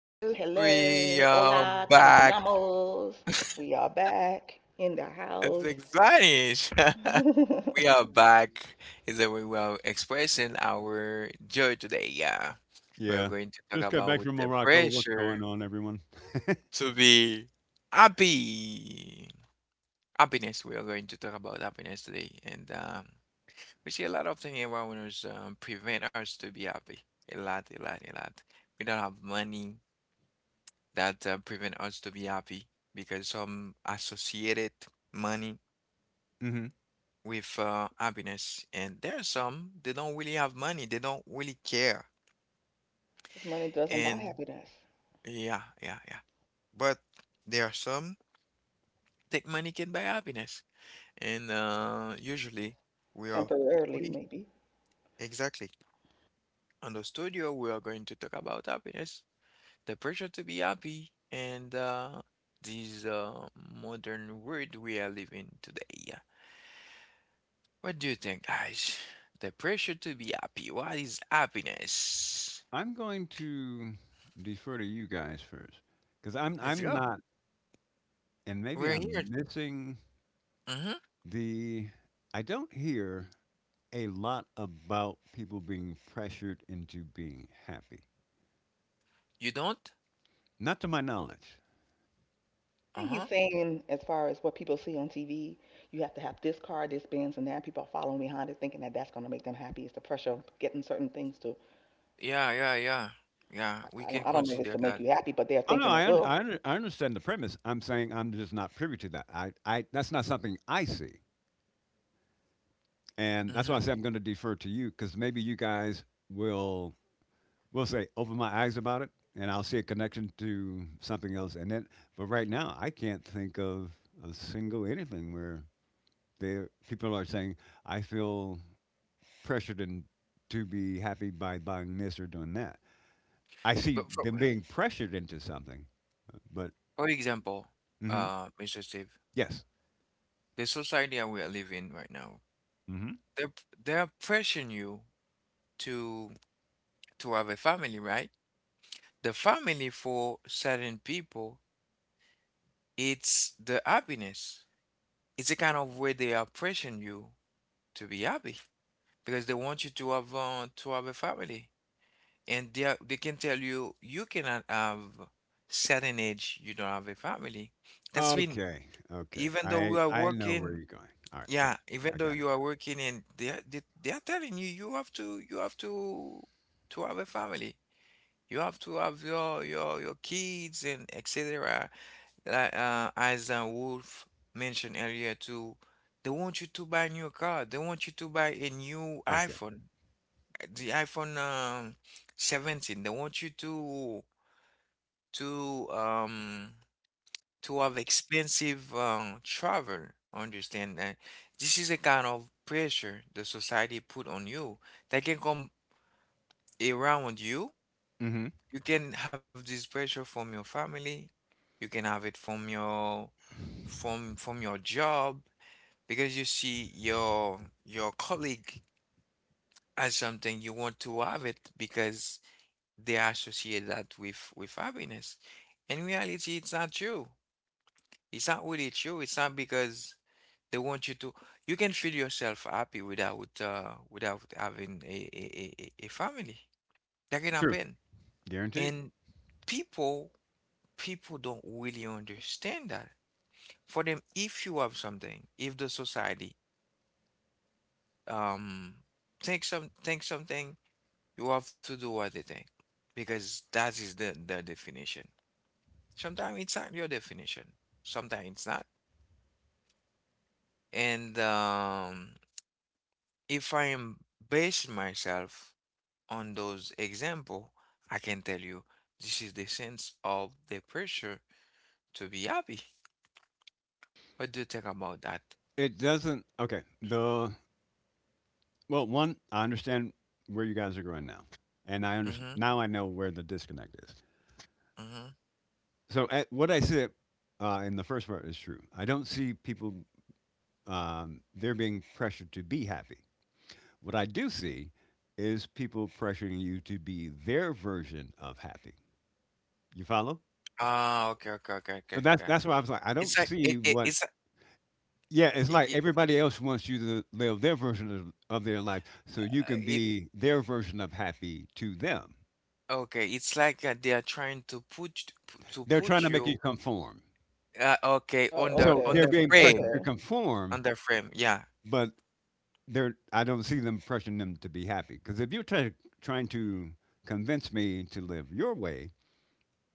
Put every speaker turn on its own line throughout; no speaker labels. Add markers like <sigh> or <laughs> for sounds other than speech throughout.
We are
Hola, como te
back.
llamas? We are back in the
It's
house.
exciting.
<laughs>
<laughs> We are
Cause
back. Is that we were expressing our joy today. Yeah. We're
Yeah,
going to talk
just got back
about
from
the
Morocco. What's going
pressure
on, everyone?
to be happy. Happiness. We are going to talk about happiness today. And we see a lot of things around us, prevent us to be happy. A lot, a lot, a lot. We don't have money that prevent us to be happy because some associated money
Hmm.
with, happiness. And there are some, they don't really have money, they don't really care.
money doesn't buy
And
happiness.
yeah, yeah, yeah. But there are some that money can buy happiness. And, usually we are
Temporarily,
free.
maybe.
Exactly. On the studio, we are going to talk about happiness, the pressure to be happy, and, this, modern world we are living today. What do you think, guys? The pressure to be happy. What is happiness?
I'm going to defer to you guys first because I'm
Let's
I'm
go.
not, and maybe
We're
I'm
here.
missing
Mm-hmm.
the. I don't hear a lot about people being pressured into being happy,
You don't?
not to my knowledge.
I think he's
Uh-huh.
saying, as far as what people see on TV, you have to have this car, this Benz, and that. People are following behind it, thinking that that's going to make them happy. It's the pressure of getting certain things to.
Yeah, yeah, yeah. Yeah,
I
we
I don't.
can
I don't know if it's
consider
to make
that.
you happy, but they're
Oh no,
thinking
I
it
un-
will.
I, under I understand the premise. I'm saying I'm just not privy to that. I that's not something I see, and that's why I
Mm-hmm.
say I'm going to defer to you because maybe you guys will we'll say open my eyes about it, and I'll see a connection to something else. And then, but right now, I can't think of a single anything where there people are saying I feel pressured and to be happy by buying this or doing that. I see
But for,
them being pressured into something, but
for example,
hmm
Mr. Steve,
yes.
the society that we are living right now,
Hmm.
they're they're pressuring you to to have a family, right? The family for certain people, it's the happiness. It's a kind of way they are pressuring you to be happy, because they want you to have a family. And they are, they can tell you you cannot have certain age you don't have a family, that's when,
Okay, okay.
even though you
I
are
I know where
working,
you're going. All right, got
yeah,
you.
even
I
though
got it.
you are working, and they are telling you you have to have a family. You have to have your kids and etc, like, as, Wolf mentioned earlier too. They want you to buy new car, they want you to buy a new
Okay.
iPhone, the iPhone, 17. They want you to, to um to have expensive travel. Understand that this is a kind of pressure the society put on you. They can come around you.
Hmm.
You can have this pressure from your family. You can have it from your, from your job, because you see your colleague as something you want to have it, because they associate that with happiness. In reality, it's not true. It's not really true. It's not because they want you to. You can feel yourself happy without, without having a family. That can
True.
happen.
Guaranteed.
And people people don't really understand that. For them, if you have something, if the society, um think, some think something, you have to do what they think because that is the definition. Sometimes it's not your definition, sometimes it's not. And if I am basing myself on those example, I can tell you this is the sense of the pressure to be happy. What do you think about that?
It doesn't. Okay. The Well, one, I understand where you guys are going now, and I understand
Mm-hmm.
now. I know where the disconnect is.
Mm-hmm.
So what I said in the first part is true. I don't see people they're being pressured to be happy. What I do see is people pressuring you to be their version of happy. You follow?
Ah, okay, okay, okay,
So
okay,
that's
okay.
that's why I was like, I
It's
don't
like
see
it, it
what.
it's like-
Yeah, it's
it,
like
it,
everybody else wants you to live their version of their life, so you can
it
be their version of happy to them.
okay. It's like they are trying to put,
They're trying to make you
you,
conform.
okay,
Oh,
on the,
So
on
they're
the
being pressured
frame,
to
okay.
conform,
Yeah.
but they're I don't see them pressuring them to be happy. Because if you're trying to convince me to live your way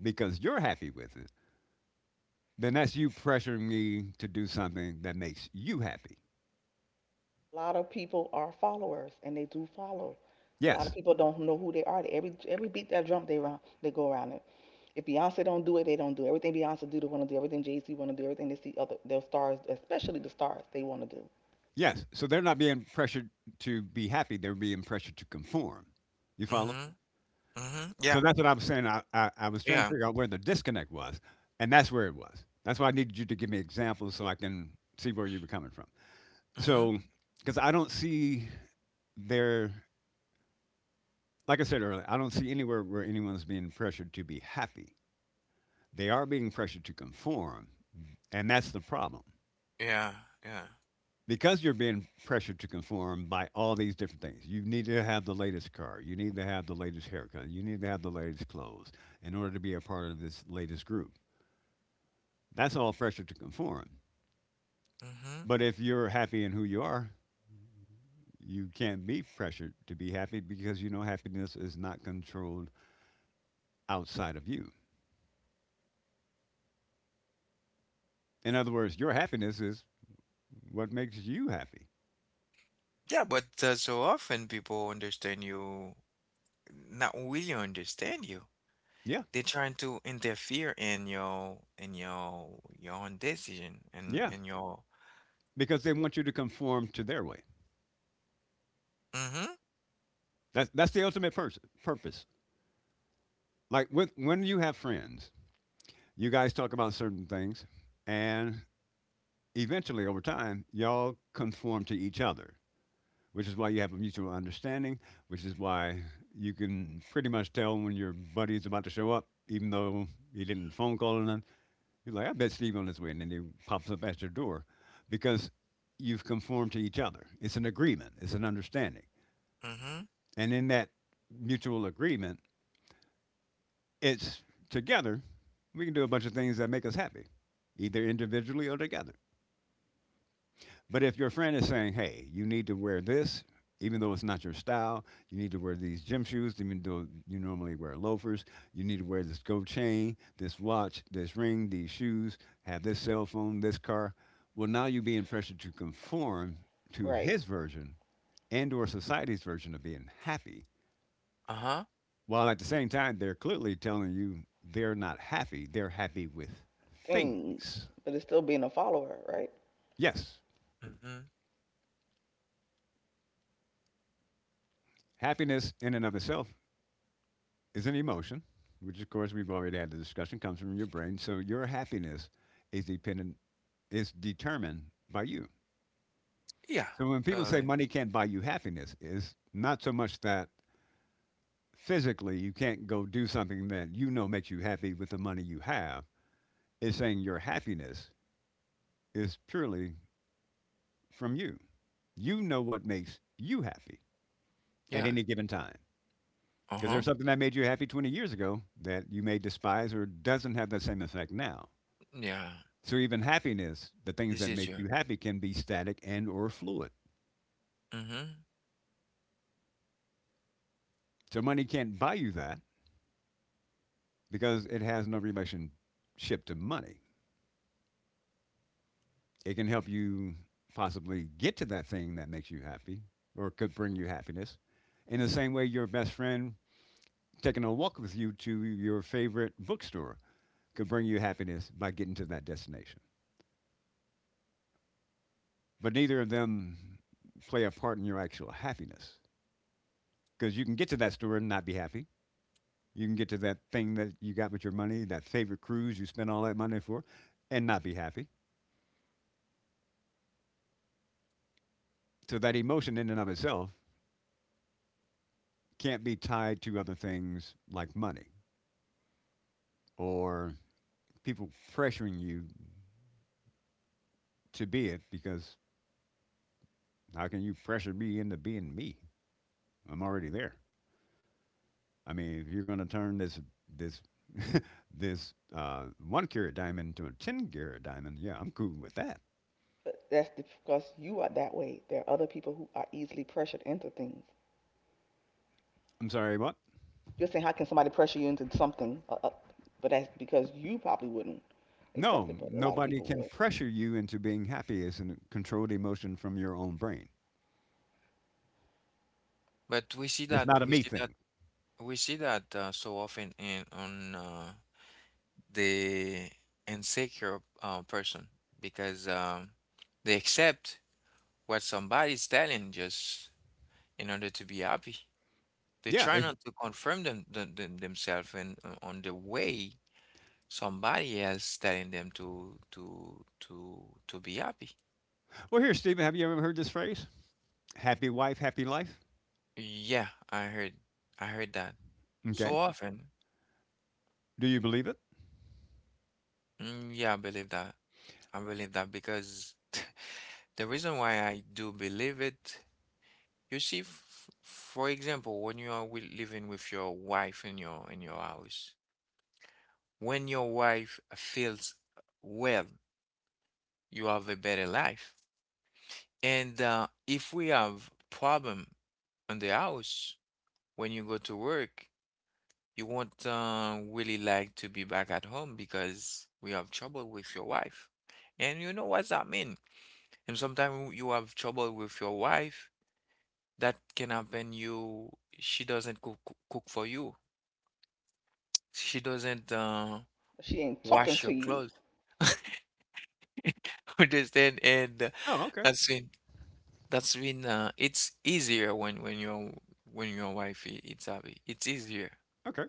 because you're happy with it, then that's you pressuring me to do something that makes you happy.
A lot of people are followers and they do follow. A lot of
Yes,
people don't know who they are. Every beat that drum they round they go around it. If Beyonce don't do it, they don't do it. Everything Beyonce do, they want to do everything. Jay Z want to do everything. They see other their stars, especially the stars, they want to do
yes. So they're not being pressured to be happy; they're being pressured to conform. You follow?
Mm-hmm. Mhm.
So
Yeah.
that's what I was saying. I was trying to
Yeah.
figure out where the disconnect was, and that's where it was. That's why I needed you to give me examples so I can see where you were coming from.
Mhm.
So because I don't see their like I said earlier, I don't see anywhere where anyone's being pressured to be happy. They are being pressured to conform, and that's the problem.
Yeah. Yeah.
Because you're being pressured to conform by all these different things. You need to have the latest car, you need to have the latest haircut, you need to have the latest clothes in order to be a part of this latest group. That's all pressure to conform.
Mhm.
But if you're happy in who you are, you can't be pressured to be happy because you know happiness is not controlled outside of you. In other words, your happiness is what makes you happy.
Yeah, but, so often people understand you, not really understand you.
Yeah,
They're trying to interfere in your, in your own decision and
yeah,
and your.
because they want you to conform to their way.
Mhm.
That's the ultimate purpose. Like when you have friends, you guys talk about certain things, and eventually, over time, y'all conform to each other, which is why you have a mutual understanding, which is why you can pretty much tell when your buddy's about to show up, even though he didn't phone call or none. You're like, I met Steve on his way, and then he pops up at your door because you've conformed to each other. It's an agreement, it's an understanding.
Mhm.
And in that mutual agreement, it's together, we can do a bunch of things that make us happy, either individually or together. But if your friend is saying, hey, you need to wear this, even though it's not your style, you need to wear these gym shoes, even though you normally wear loafers, you need to wear this gold chain, this watch, this ring, these shoes, have this cell phone, this car. Well, now you're being pressured to conform to
right
his version and or society's version of being happy.
Uh huh.
While at the same time, they're clearly telling you they're not happy. They're happy with
things.
things.
But it's still being a follower, right?
Yes,
Mhm.
happiness in and of itself is an emotion, which of course we've already had the discussion, comes from your brain. So your happiness is dependent is determined by you.
Yeah.
So when people
Uh.
say money can't buy you happiness, it's not so much that physically you can't go do something that you know makes you happy with the money you have. It's saying your happiness is purely from you. You know what makes you happy at
Yeah.
any given time.
Uh
Because there's
huh.
something that made you happy 20 years ago that you may despise or doesn't have that same effect now.
Yeah.
So even happiness, the things
This
that
is
make
you.
you happy can be static and or fluid.
Mhm.
So money can't buy you that because it has no relationship to money. It can help you possibly get to that thing that makes you happy or could bring you happiness. In the same way your best friend taking a walk with you to your favorite bookstore could bring you happiness by getting to that destination. But neither of them play a part in your actual happiness because you can get to that store and not be happy. You can get to that thing that you got with your money, that favorite cruise you spent all that money for, and not be happy. So that emotion in and of itself can't be tied to other things like money or people pressuring you to be it because how can you pressure me into being me? I'm already there. I mean, if you're going to turn this <laughs> this one carat diamond to a ten carat diamond, yeah, I'm cool with that.
But that's because you are that way. There are other people who are easily pressured into things.
I'm sorry, what?
You're saying, how can somebody pressure you into something? But that's because you probably wouldn't accept it,
No,
but a lot of
nobody
people
can
would.
pressure you into being happy. It's a controlled emotion from your own brain.
But
It's not a me thing.
we see that, so often, in on, the insecure, person, because, they accept what somebody's telling, just in order to be happy. They
Yeah.
try
If,
not to confirm themselves, and, on the way somebody else telling them to be happy.
well, here, Stephen, have you ever heard this phrase? Happy wife, happy life.
Yeah, I heard that so
Okay.
often.
Do you believe it?
Mm, yeah, I believe that. I believe that because <laughs> the reason why I do believe it. You see, f for example, when you are, living with your wife in your, in your house, when your wife feels well, you have a better life. And if we have problem in the house, when you go to work, you won't, really like to be back at home, because we have trouble with your wife. And you know what that mean. And sometimes you have trouble with your wife. That can happen. You She doesn't cook. For you, she doesn't,
But she ain't talking
wash your
to you.
clothes. <laughs> Understand? And
Oh, okay.
that's when, it's easier, when, when your wife, it's happy. It's easier.
Okay.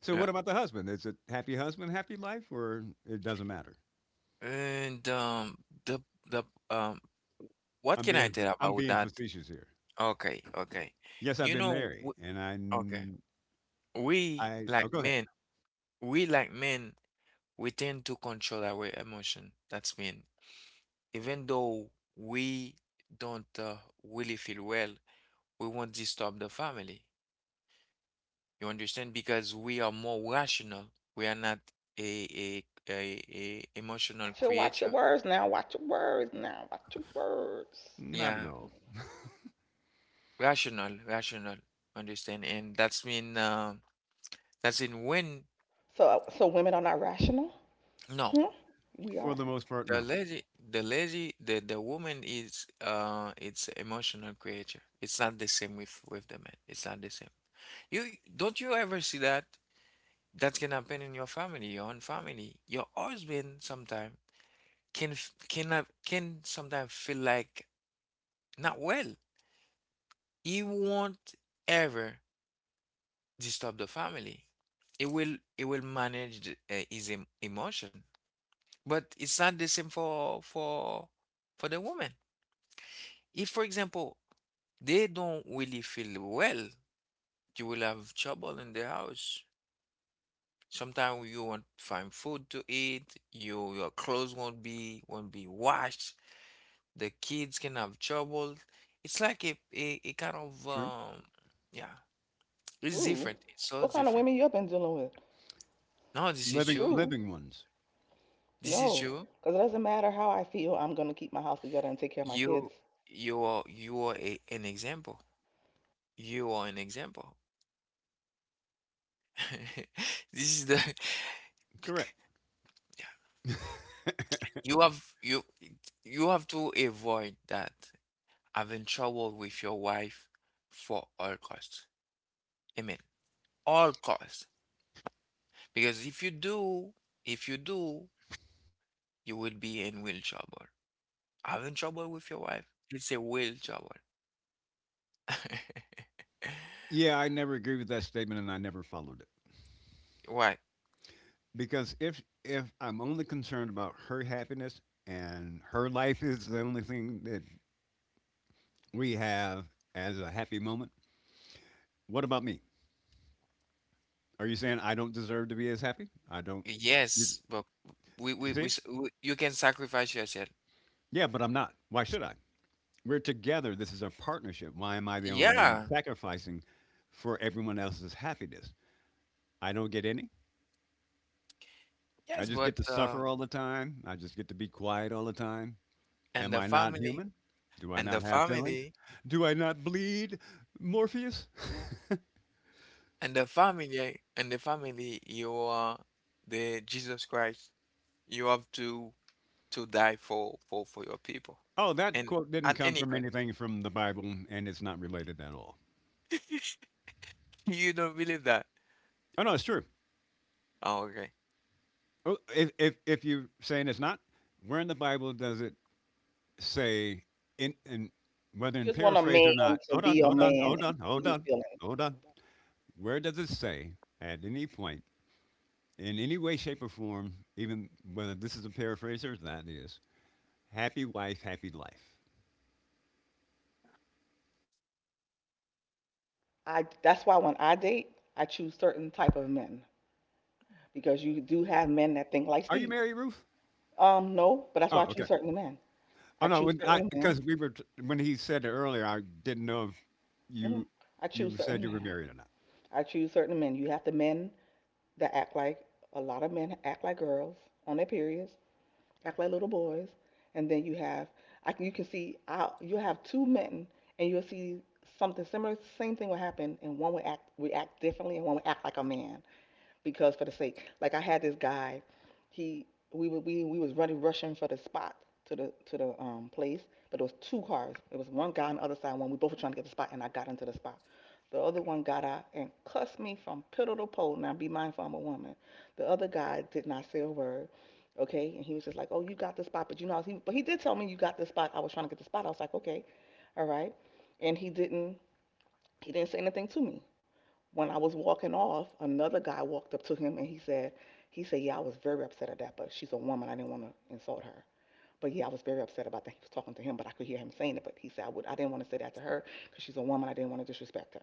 So,
Yeah.
what about the husband? Is it happy husband, happy life, or it doesn't matter?
And the the um what
I'm
can I
being
tell
I'm
about
being
that?
facetious here.
Okay, okay.
Yes, I've
You
been
know,
married, and I
okay,
n-
we
I oh,
like
go ahead.
men, we like men, we tend to control our emotion. That's mean, even though we don't, really feel well, we won't disturb the family. You understand? Because we are more rational. We are not a a a emotional
Watch your
creature.
words now. Watch your words now. Watch your words.
Not at
Yeah,
all.
rational, rational. Understand? And that's mean, that's in when.
So so women are not rational?
No.
Hmm? We
For
are.
the most part,
The
no.
lady the woman is, it's emotional creature. It's not the same with the man. It's not the same. You don't You ever see that? That can happen in your family, your own family. Your husband sometimes can, can have, can sometimes feel like not well. He won't ever disturb the family. It will manage his, emotion, but it's not the same for, for the woman. If, for example, they don't really feel well, you will have trouble in the house. Sometimes you won't find food to eat. Your clothes won't be washed. The kids can have trouble. It's like a kind of,
True.
yeah, it's
True.
different. It's so
What kind of
different.
women you been dealing with?
No, this is
Living
you.
True.
living ones.
This is
No.
you.
Because it doesn't matter how I feel, I'm gonna keep my house together and take care of my kids.
You you are, an example. You are an example. <laughs> This is the
Correct.
Yeah. You have you you have to avoid that, having trouble with your wife, for all costs. Amen. All costs. Because if you do, if you do, you will be in will trouble. Having trouble with your wife, it's a will trouble. <laughs>
Yeah, I never agree with that statement and I never followed it.
Why?
Because if I'm only concerned about her happiness and her life <laughs> is the only thing that we have as a happy moment, what about me? Are you saying I don't deserve to be as happy? I don't. you,
Yes, but,
you
we,
see?
s- we you can sacrifice yourself.
Yeah, but I'm not. Why should I? We're together. This is a partnership. Why am I the only one
Yeah.
sacrificing for everyone else's happiness? I don't get any. I
Yes,
just get
but,
to suffer all the time. I just get to be quiet all the time.
and
Am
the
I not
family,
human? Do I
and the
not have feelings?
family,
Do I not bleed, Morpheus? <laughs>
and the family, and the family, you are the Jesus Christ. You have to die for your people.
Oh, that
And
quote didn't
at
come
any
from
cost,
anything from the Bible, and it's not related at all.
<laughs> you don't believe that.
Oh no, it's true.
Oh, okay.
Oh, if you're saying it's not, where in the Bible does it say in whether
You
in
just want a
paraphrase or
man
not?
to
Hold on,
be a
hold on,
man
hold
and
on,
be
hold
his
on,
feelings.
hold on. Where does it say at any point in any way, shape, or form, even whether this is a paraphrase or that is, happy wife, happy life?
I That's why when I date, I choose certain type of men because you do have men that think like
Are you
Steve.
married, Ruth?
No, but that's why
Oh,
I choose
okay.
certain men.
Oh
I
no,
choose
when I
certain men.
because we were when he said it earlier, I didn't know if
Mhm.
you
I choose
you said
certain
you were
men.
married or not.
I choose certain men. You have the men that act like a lot of men act like girls on their periods, act like little boys, and then you have you can see I you have two men and you'll see something similar. Same thing will happen, and one will act react differently, and one will act like a man because for the sake, like I had this guy, he we were, we was running rushing for the spot to the place, but there was two cars. It was one guy on the other side, one we both were trying to get the spot, and I got into the spot. The other one got out and cussed me from pillar to pole. Now be mindful, I'm a woman. The other guy did not say a word. Okay, and he was just like, "Oh, you got the spot," but you know, he but he did tell me you got the spot. I was trying to get the spot. I was like, "Okay, all right," and he didn't say anything to me when I was walking off, another guy walked up to him and he said, yeah, I was very upset at that, but she's a woman. I didn't want to insult her. But yeah, I was very upset about that. He was talking to him, but I could hear him saying it. But he said, I didn't want to say that to her because she's a woman. I didn't want to disrespect her.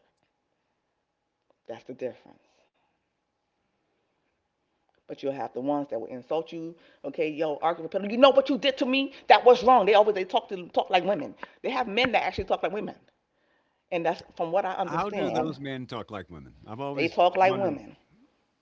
That's the difference. But you'll have the ones that will insult you. Okay, yo, argue with people. You know what you did to me? That was wrong. They talk to talk like women. They have men that actually talk like women, and that's from what I
How do
understand.
those men talk like women? I've
They
always
talk like
wondered.
women.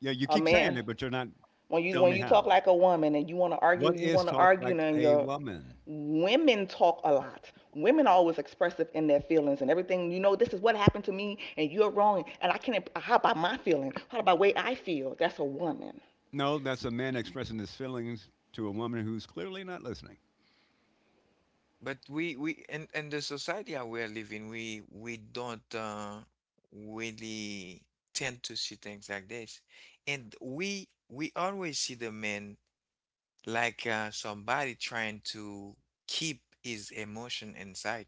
Yeah, you
A
keep saying
man
it, but you're not telling
When
me
you talk
how.
like a woman and you want to argue,
What
you
is
want to
talk
argue,
like
and
a
your
woman?
women talk a lot. Women are always expressive in their feelings and everything. You know, this is what happened to me, and you're wrong, and I can't. How about my feeling? How about the way I feel? That's a woman.
No, that's a man expressing his feelings to a woman who's clearly not listening.
But we and the society that we're living, we don't, really tend to see things like this, and we always see the man like, somebody trying to keep his emotion inside.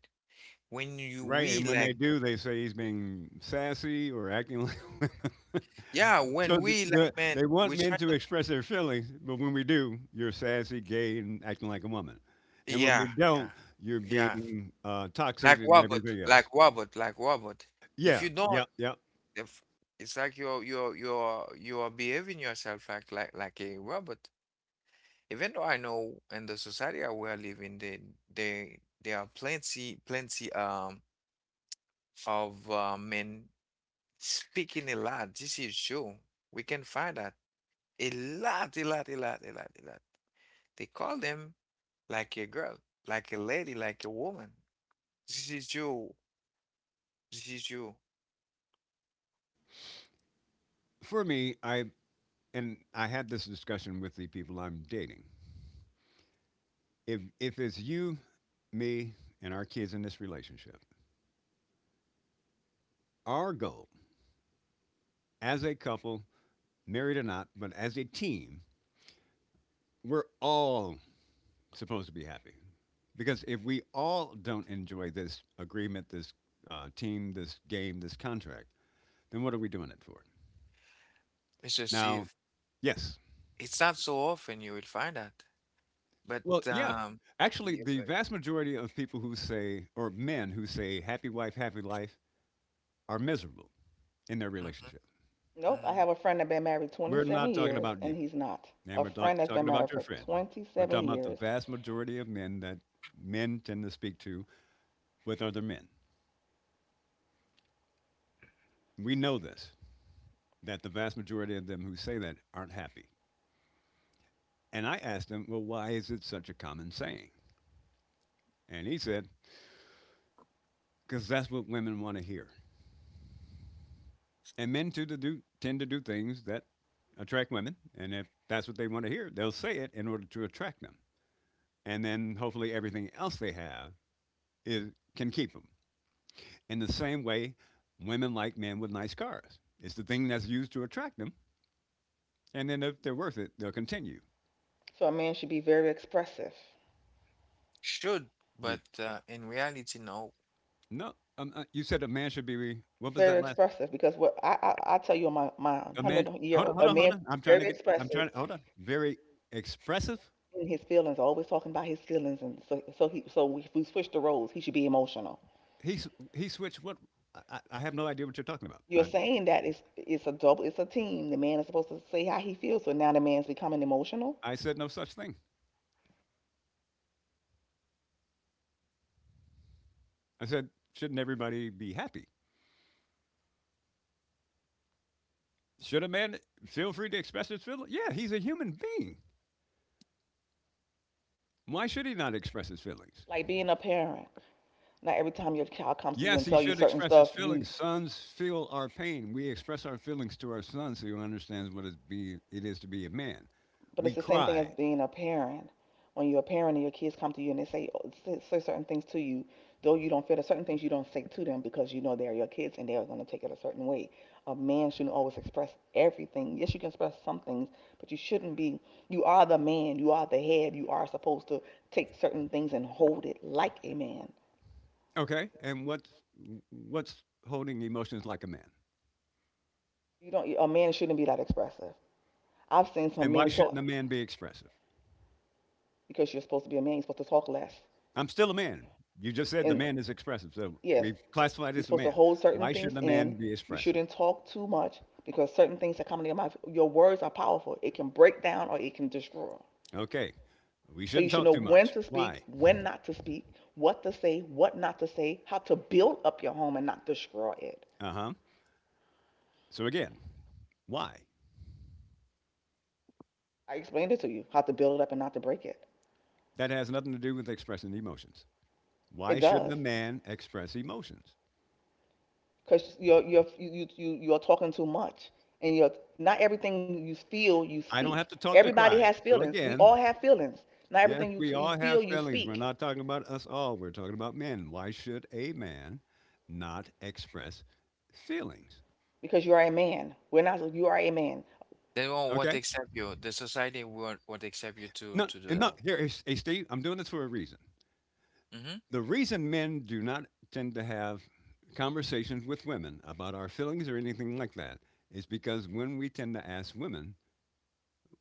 When you
Right,
we
and when they
like
do, they say he's being sassy or acting like. <laughs>
Yeah.
So
When we like man,
they want
we
men
try
to
not.
express their feelings, but when we do, you're sassy, gay, and acting like a woman. And when we
Yeah, yeah,
don't, you're
yeah.
being toxic
Like
and
robot,
everything
like
else.
robot, like robot. If
Yeah,
you
yeah,
don't
yeah.
if it's like you're behaving yourself like a robot. Even though I know in the society, I we are living, they there are plenty, of, men speaking a lot. This is true. We can find that a lot, a lot, a lot, a lot, a lot. They call them like a girl, like a lady, like a woman. This is you. This is you,
For me, I and I had this discussion with the people I'm dating. If it's you, me, and our kids in this relationship, our goal as a couple, married or not, but as a team, we're all supposed to be happy. Because if we all don't enjoy this agreement, this team, this game, this contract, then what are we doing it for?
Mr.
Now,
Steve.
yes.
It's not so often you will find that, but
Well, yeah.
um.
Actually,
Yeah,
the vast majority of people who say, or men who say, happy wife, happy life, are miserable in their
mhm,
relationship.
Nope. I
mhm.
have a friend that has been married
We're
27
not talking
years,
about you,
and he's not.
and
A
we're not
friend that's been
talking about
married
your
for
friend. We're
27
talking about the
years.
vast majority of men that men tend to speak to with other men. We know this, that the vast majority of them who say that aren't happy. And I asked him, well, why is it such a common saying? And he said, because that's what women want to hear. And men tend to do things that attract women. And if that's what they want to hear, they'll say it in order to attract them. And then hopefully everything else they have can keep them. In the same way, women like men with nice cars. It's the thing that's used to attract them. And then if they're worth it, they'll continue.
So a man should be very expressive,
Should,
You
but, in reality, no.
no, you said a man should be. What was that last?
because I tell you, my 100
Imagine,
year
hold on,
old
hold
a
on,
man
hold on. I'm
should be
trying to
very
get. I'm
expressive
trying to hold on. Very expressive.
in his feelings, always talking about his feelings, and he so if we switch the roles, he should be emotional.
He s- he switched. What? I have no idea what you're talking about.
You're saying that it's a double, it's a team. The man is supposed to say how he feels, so now the man's becoming emotional,
I said no such thing. I said shouldn't everybody be happy? Should a man feel free to express his feelings? Yeah, he's a human being. Why should he not express his feelings?
like being a parent. Not every time your child comes to you
Yes,
and
he
tell you
should
certain
express
stuff,
his
you
feelings. Sons feel our pain. We express our feelings to our sons who understands it is to be a man.
but it's
We
the same thing as
cry.
being a parent. When you're a parent and your kids come to you and they say say certain things to you, though you don't feel there's certain things you don't say to them because you know they're your kids and they're going to take it a certain way. A man shouldn't always express everything. Yes, you can express some things, but you shouldn't be. You are the man. You are the head. You are supposed to take certain things and hold it like a man.
Okay, and what's holding emotions like a man?
You don't. A man shouldn't be that expressive. I've seen some
And why
men
shouldn't
talk
a man be expressive?
because you're supposed to be a man. You're supposed to talk less.
I'm still a man. You just said the
And
man is expressive, so
yes,
we've classified
you're
as a
supposed to
man.
hold certain
Why
things
shouldn't a
in.
man be
You
expressive?
shouldn't talk too much because certain things that come into your mouth, your words are powerful. It can break down or it can destroy.
Okay, we
So you
shouldn't
should
talk
know
too
when
much.
to
Why?
speak, when not to speak, what to say, what not to say, how to build up your home and not destroy it.
Uh huh. So again, why?
I explained it to you how to build it up and not to break it.
That has nothing to do with expressing emotions.
It
Why shouldn't a
does
man express emotions?
because you're you you you you are talking too much and you're not everything you feel you
I don't
speak.
have to talk to
Everybody
cry.
has
So
feelings. We all
again,
have feelings. Not
yes,
everything
we
you
all
feel
have
you
feelings. We're
speak.
not talking about us all. We're talking about men. Why should a man not express feelings?
Because you are a man. We're not. You are a man.
They won't want to
Okay.
accept you. The society won't want to accept you to
No,
to do
and no.
that.
Here, hey, hey, Steve. I'm doing this for a reason.
Mm-hmm.
The reason men do not tend to have conversations with women about our feelings or anything like that is because when we tend to ask women,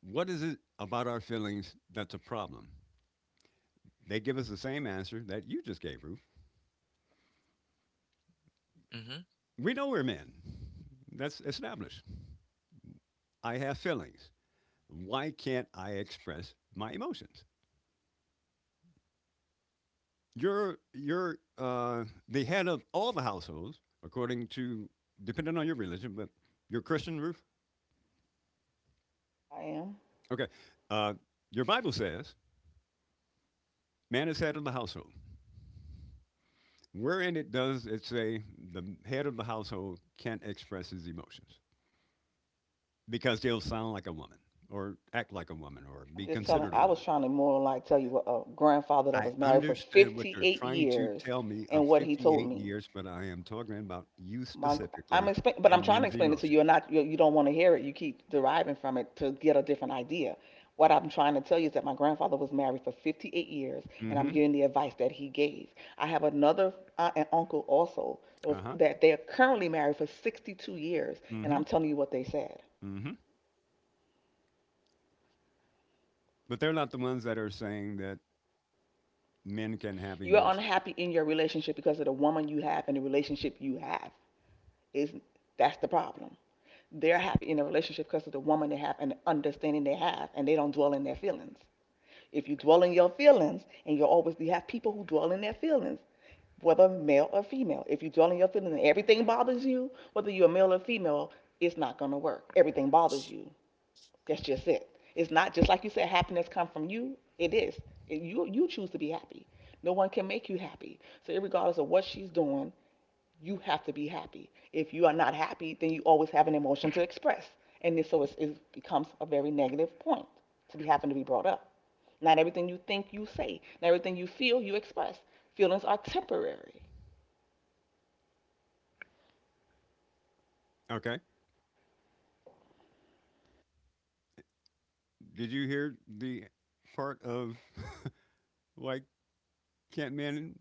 "What is it about our feelings that's a problem?" they give us the same answer that you just gave, Ruth.
Mm-hmm.
We know we're men. That's established. I have feelings. Why can't I express my emotions? Your The head of all the households, according to depending on your religion, but your Christian roof.
I am.
Okay, uh, your Bible says man is head of the household. Wherein it does it say the head of the household can't express his emotions because they'll sound like a woman or act like a woman or
I'm
be
just telling.
considered a
I was
woman.
trying to more like tell you what a grandfather that
I
was married for
understand what you're
58
trying to
years
tell me of
and what he told
58
me.
years, but I am talking about you
My, I'm
specifically
explain, but I'm
and
trying to
men's
explain it to
emotions.
you, and not you, you don't want to hear it. You keep deriving from it to get a different idea. What I'm trying to tell you is that my grandfather was married for 58 years, and
Mm-hmm.
I'm giving the advice that he gave. I have another aunt and uncle also
Uh-huh.
that they're currently married for 62 years, and
Mm-hmm.
I'm telling you what they said.
Hmm. But they're not the ones that are saying that men can have
You're
emotions.
unhappy in your relationship because of the woman you have and the relationship you have. Is That's the problem. They're happy in a relationship because of the woman they have and the understanding they have, and they don't dwell in their feelings. If you dwell in your feelings, and you'll always you have people who dwell in their feelings, whether male or female. If you dwell in your feelings and everything bothers you, whether you're male or female, it's not gonna work. Everything bothers you. That's just it. It's not just like you said, happiness comes from you. It is. And you choose to be happy. No one can make you happy. So regardless of what she's doing, you have to be happy. If you are not happy, then you always have an emotion to express. And it becomes a very negative point to be having to be brought up. Not everything you think you say, not everything you feel you express. Feelings are temporary.
Okay. Did you hear the part of <laughs> like can't men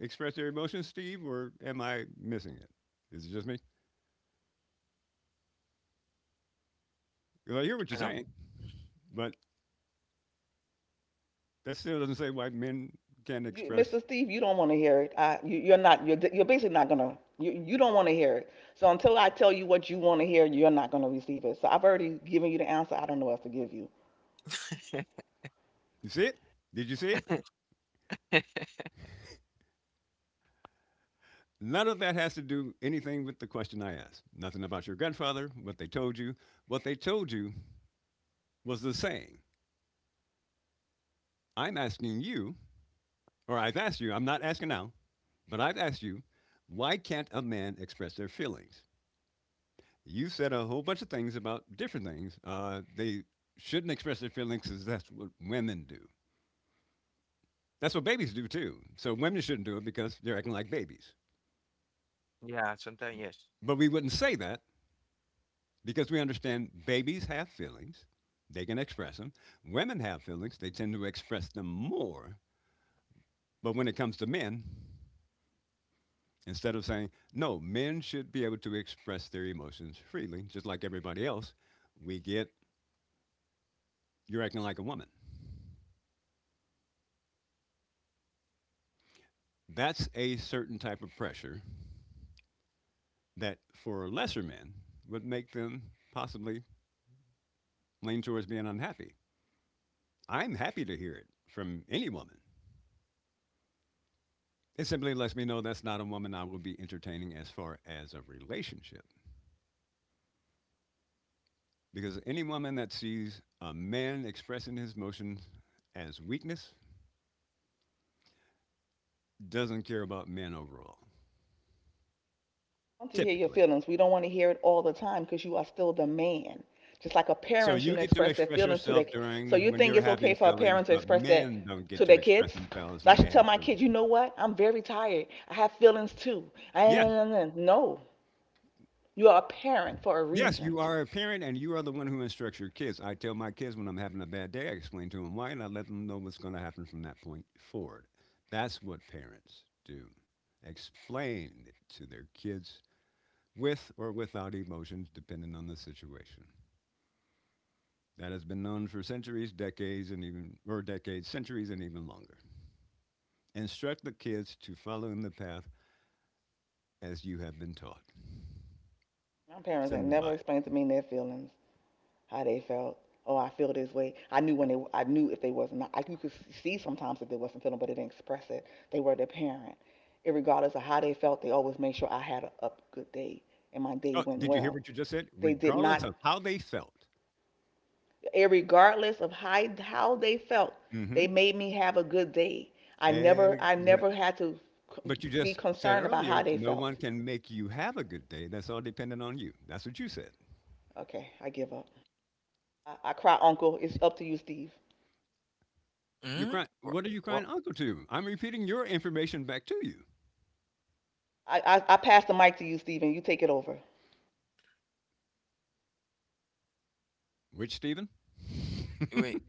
express their emotions, Steve, or am I missing it? Is it just me? 'Cause I hear what
I
you're
know.
saying, but that still doesn't say why men can't
You,
express.
Mr. Steve, you don't want to hear it. You're not. You're basically not gonna. You don't want to hear it. So until I tell you what you want to hear, you're not gonna receive it. So I've already given you the answer. I don't know what else to give you.
You see it? Did you see it? None of that has to do anything with the question I asked. Nothing about your grandfather, what they told you. What they told you was the saying. I'm asking you or I've asked you, I'm not asking now, but I've asked you, why can't a man express their feelings? You said a whole bunch of things about different things. They shouldn't express their feelings because that's what women do. That's what babies do too. So women shouldn't do it because they're acting like babies.
Yeah, sometimes yes.
But we wouldn't say that because we understand babies have feelings. They can express them. Women have feelings. They tend to express them more. But when it comes to men, instead of saying, no, men should be able to express their emotions freely, just like everybody else, we get, you're acting like a woman. That's a certain type of pressure that for lesser men would make them possibly lean towards being unhappy. I'm happy to hear it from any woman. It simply lets me know that's not a woman I will be entertaining as far as a relationship. Because any woman that sees a man expressing his emotions as weakness doesn't care about men overall,
I want to hear your
typically.
feelings. We don't want to hear it all the time because you are still the man. Just like a
So
parent
you
shouldn't
get to
express their
express
feelings to their.
yourself
So you
during when
think
you're
it's okay
having
for a
feelings,
parent to
but
express that
men don't get
to
to
their
express
kids?
themselves
So I
when they
should tell
have
my kids,
feelings.
you know what? I'm very tired. I have feelings too. I,
Yes.
no, you are a parent for a
Yes,
reason.
you are a parent and you are the one who instructs your kids. I tell my kids when I'm having a bad day, I explain to them why and I let them know what's going to happen from that point forward. That's what parents do. Explain to their kids with or without emotions, depending on the situation. That has been known for centuries, decades, or decades, centuries, and even longer. Instruct the kids to follow in the path as you have been taught.
My
It's
parents ain't
in the
never
Bible.
explained to me their feelings, how they felt. Oh, I feel this way. I knew if they wasn't, you could see sometimes if they wasn't feeling, but they didn't express it. They were their parent. Irregardless of how they felt, they always made sure I had a up good day and my day
Oh,
went
did you hear
well.
what you just said?
They did
Regardless
not,
of how they felt.
Irregardless of how they felt, they
Mm-hmm.
made me have a good day. I never
Exactly.
had to
But you
be
just said
concerned about
earlier,
how they
no one
felt.
can make you have a good day. That's all dependent on you. That's what you said.
Okay, I give up. I cry, Uncle. It's up to you, Steve.
You're
Mm-hmm.
crying. What are you
What,
crying uncle to? I'm repeating your information back to you.
I pass the mic to you, Stephen. You take it over.
Which, Stephen?
wait.
<laughs>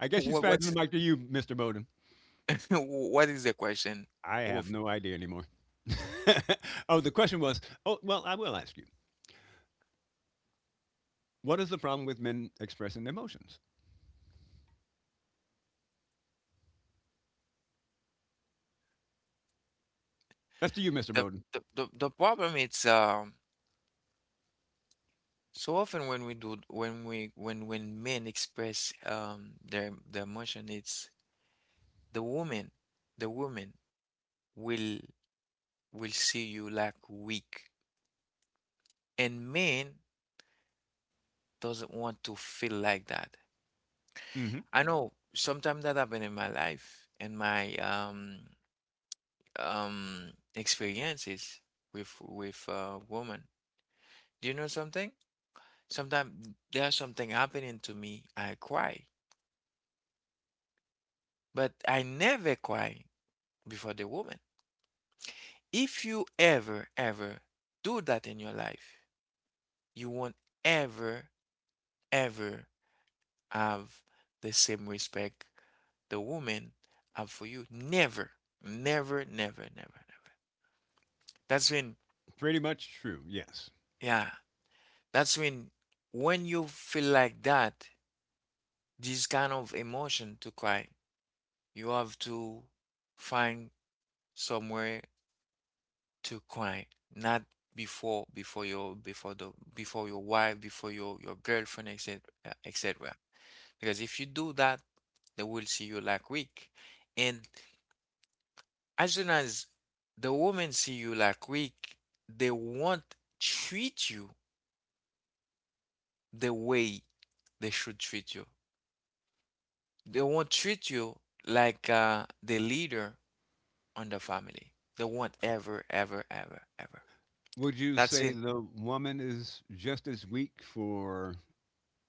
I guess she's
What,
passing the
what's
mic to you, Mr. Bowden.
<laughs> What is the question?
I have
Wolf.
no idea anymore. <laughs> Oh, the question was, oh, well, I will ask you. What is the problem with men expressing their emotions? That's to you, Mr.
The,
Bowden.
the problem is, so often, when we do, when we when men express, their, emotion, it's the woman, the woman will, see you like weak. And men doesn't want to feel like that.
Mm-hmm.
I know sometimes that happened in my life and my, experiences with woman. Do you know something? Sometimes there's something happening to me, I cry. But I never cry before the woman. If you ever, ever do that in your life, you won't ever, ever have the same respect, the woman up for you. Never, never, never, never, never. That's when,
Pretty much true, yes.
yeah, that's when you feel like that, this kind of emotion to cry, you have to find somewhere to cry, not before, before your wife, before, your girlfriend, etc., etc. Because if you do that, they will see you like weak, and as soon as the women see you like weak, they won't treat you the way they should treat you. They won't treat you like, the leader on the family. They won't ever, ever, ever, ever.
Would you
That's
say
it.
the woman is just as weak for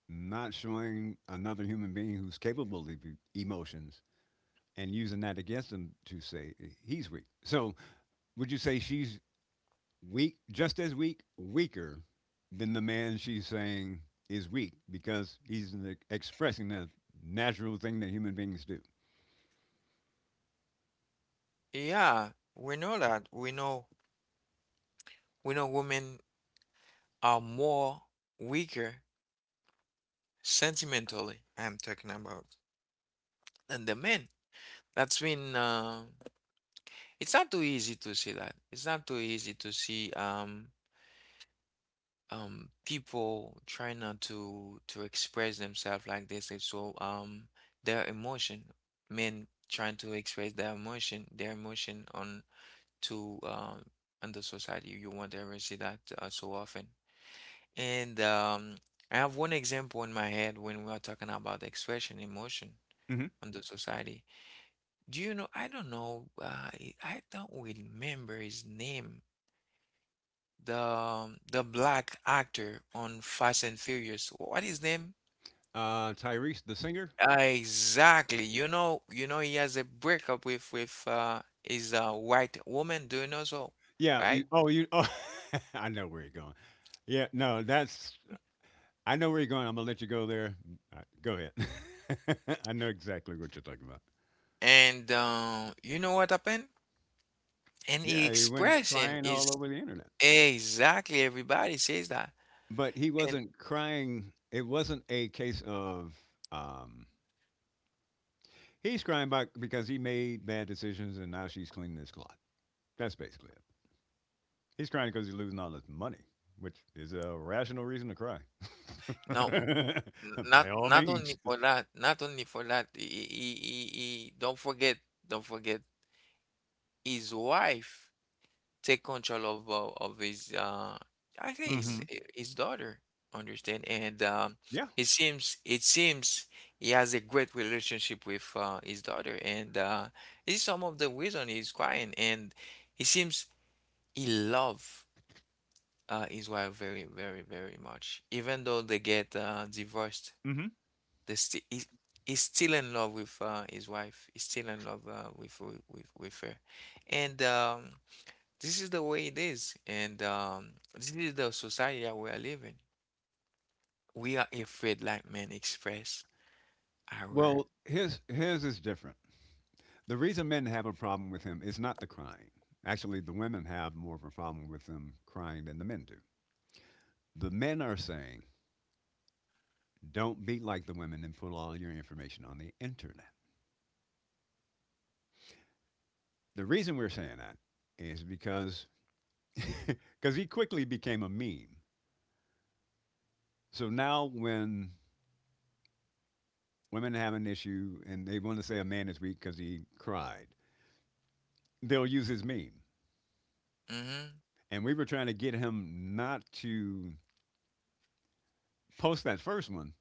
not showing another human being who's capable of emotions and using that against him to say eh, he's weak? So, would you say she's weak, just as weak, weaker than the man she's saying is weak because he's expressing the natural thing that human beings do?
Yeah, we know that. We know. We know women are more weaker sentimentally. I'm talking about than the men. That's been. It's not too easy to see that. It's not too easy to see. People try not to express themselves like this, and so, their emotion men trying to express their emotion, on to, on the society, you won't ever see that, so often. And I have one example in my head when we are talking about expression emotion
Hmm.
on the society. Do you know I don't know, I don't remember his name, the black actor on Fast and Furious. What his name?
Tyrese, the singer?
Exactly. You know, he has a breakup with, his, white woman. Do you know so?
Yeah,
Right?
you. Oh, you. Oh, <laughs> I know where you're going. Yeah, no, that's I know where you're going. I'm gonna let you go there. Go ahead. <laughs> I know exactly what you're talking about.
And you know what happened? And the
Yeah, he went
expression
crying
is,
all over the internet,
exactly, everybody says that.
but he
And
wasn't crying. It wasn't a case of um, he's crying about because he made bad decisions and now she's cleaning his clock. That's basically it. He's crying because he's losing all his money, which is a rational reason to cry.
now,
<laughs> By all
not only
means.
for that, He, don't forget his wife. Take control of his, I think,
Hmm.
his daughter, understand, and,
Yeah.
it seems, he has a great relationship with, his daughter, and, this is some of the reason he's crying, and he seems he love, his wife very, very, very much, even though they get, divorced.
Hmm.
They he, he's still in love with, his wife. He's still in love, with, with her, and, this is the way it is, and, this is the society that we are living. We are afraid like men express our.
Well, his is different. The reason men have a problem with him is not the crying. Actually, the women have more of a problem with him crying than the men do. The men are saying, don't be like the women and put all your information on the internet. The reason we're saying that is because <laughs> cause he quickly became a meme. So now when women have an issue and they want to say a man is weak because he cried, they'll use his meme.
Mm-hmm,
And we were trying to get him not to post that first one,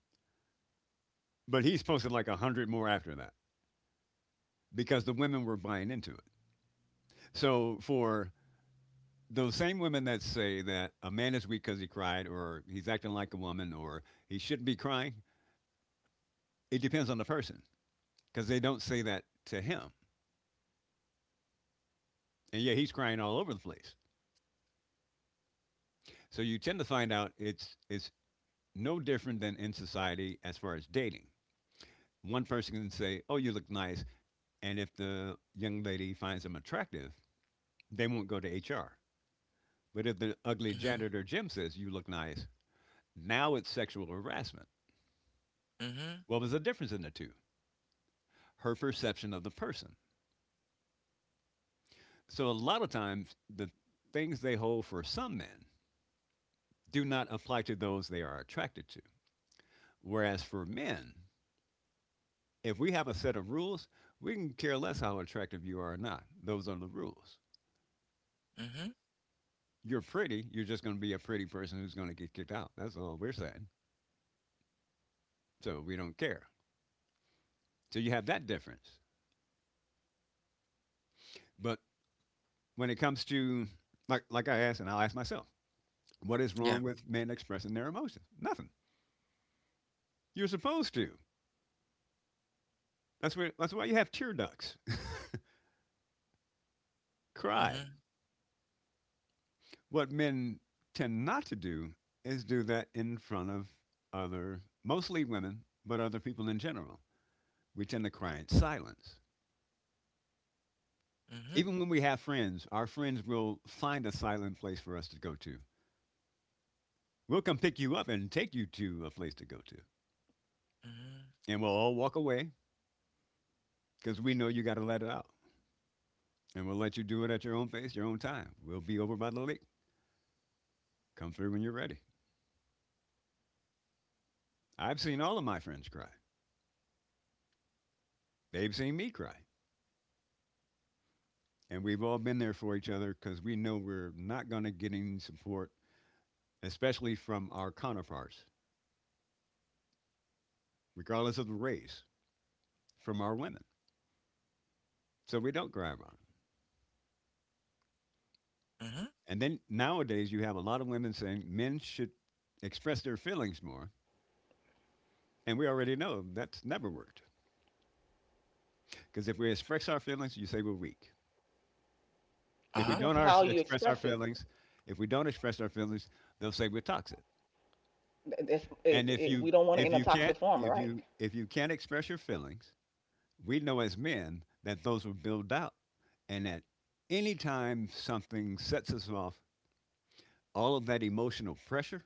but he's posted like 100 more after that. Because the women were buying into it. So for those same women that say that a man is weak because he cried, or he's acting like a woman, or he shouldn't be crying, it depends on the person because they don't say that to him, and yet he's crying all over the place. So you tend to find out it's no different than in society as far as dating. One person can say, "Oh, you look nice," and if the young lady finds him attractive, they won't go to HR. But if the ugly
mm-hmm,
janitor Jim says, "You look nice," now it's sexual harassment.
mm-hmm,
What was the difference in the two? Her perception of the person. So a lot of times, the things they hold for some men do not apply to those they are attracted to. Whereas for men, if we have a set of rules, we can care less how attractive you are or not. Those are the rules.
mm-hmm.
You're pretty, you're just going to be a pretty person who's going to get kicked out. That's all we're saying. So we don't care. So you have that difference. But when it comes to, like I asked, and I'll ask myself, what is
Yeah.
wrong with men expressing their emotions? Nothing. You're supposed to. That's where that's why you have tear ducts. <laughs> Cry.
Mm-hmm,
What men tend not to do is do that in front of other mostly women, but other people in general. We tend to cry in silence.
mm-hmm,
Even when we have friends, our friends will find a silent place for us to go to. We'll come pick you up and take you to a place to go to.
mm-hmm,
And we'll all walk away because we know you got to let it out. And we'll let you do it at your own pace, your own time. We'll be over by the lake. Come through when you're ready. I've seen all of my friends cry. They've seen me cry. And we've all been there for each other because we know we're not going to get any support, especially from our counterparts, regardless of the race, from our women. So we don't grab on them.
mm-hmm.
And then nowadays, you have a lot of women saying men should express their feelings more. And we already know that's never worked. Because if we express our feelings, you say we're weak.
It
If we
Uh-huh.
don't
depends on
our,
how you
express our
express it.
feelings, if we don't express our feelings, they'll say we're toxic. And
We don't want it in a toxic form, right?
if you can't express your feelings, we know as men that those were built out and that anytime something sets us off, all of that emotional pressure,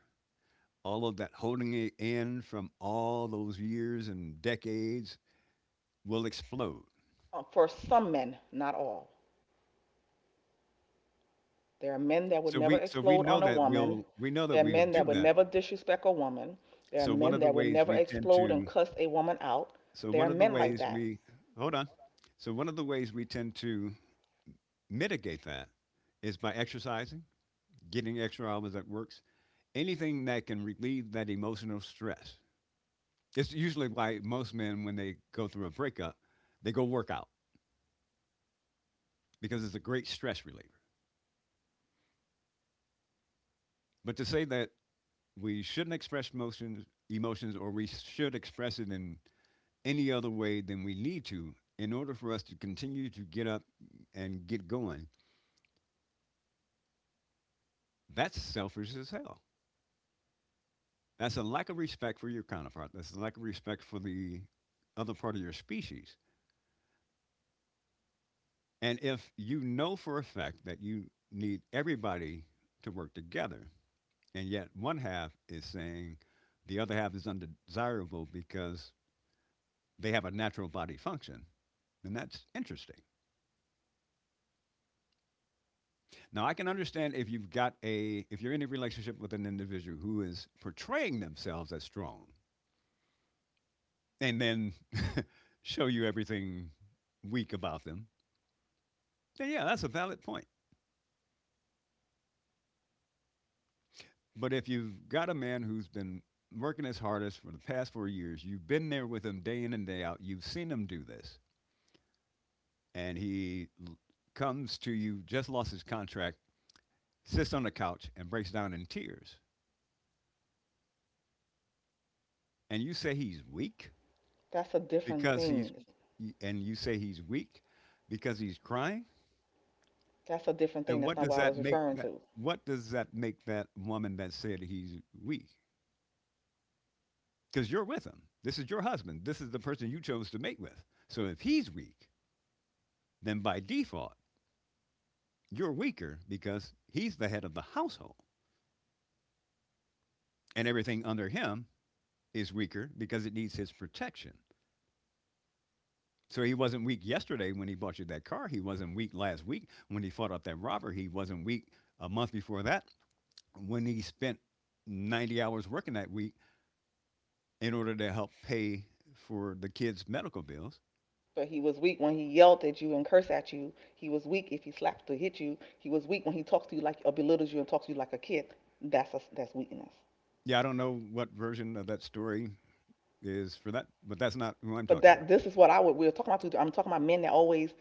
all of that holding it in from all those years and decades will explode.
For some men, not all. There are men that would
So
never
we so we
explode on
know
a
that
woman.
we'll we know that
There are
we'll
men that
do
would
that.
never disrespect a woman. There are
So one
men
of the
that would
ways
never
we tend
explode and
to
cuss a woman out.
so
There are
one of the
men like
ways
that.
we Hold on. So one of the ways we tend to mitigate that is by exercising, getting extra hours at work, anything that can relieve that emotional stress. It's usually why most men, when they go through a breakup, they go work out because it's a great stress reliever. But to say that we shouldn't express emotions, or we should express it in any other way than we need to in order for us to continue to get up and get going, that's selfish as hell. That's a lack of respect for your counterpart. That's a lack of respect for the other part of your species. And if you know for a fact that you need everybody to work together, and yet one half is saying the other half is undesirable because they have a natural body function, then that's interesting. Now I can understand if you've got a if you're in a relationship with an individual who is portraying themselves as strong and then <laughs> show you everything weak about them, then yeah, that's a valid point. But if you've got a man who's been working his hardest for the past 4 years, you've been there with him day in and day out, you've seen him do this, and comes to you, just lost his contract, sits on the couch and breaks down in tears, and
That's a different
because he's,
thing.
you say he's weak because he's crying,
That's a different thing.
then
That's
what
not
does
what I
that
was
make
referring
that?
to.
What does that make that woman that said he's weak? Because you're with him. This is your husband. This is the person you chose to mate with. So if he's weak, then by default, you're weaker because he's the head of the household. And everything under him is weaker because it needs his protection. So he wasn't weak yesterday when he bought you that car. He wasn't weak last week when he fought off that robber. He wasn't weak a month before that when he spent 90 hours working that week in order to help pay for the kids' medical bills.
But he was weak when he yelled at you and cursed at you. He was weak if he slapped or hit you. He was weak when he talks to you like or belittles you and talks to you like a kid. That's weakness.
Yeah, I don't know what version of that story is for that, but that's not who I'm
But
talking about.
that this is what I would we are talking about. Today. I'm talking about men that always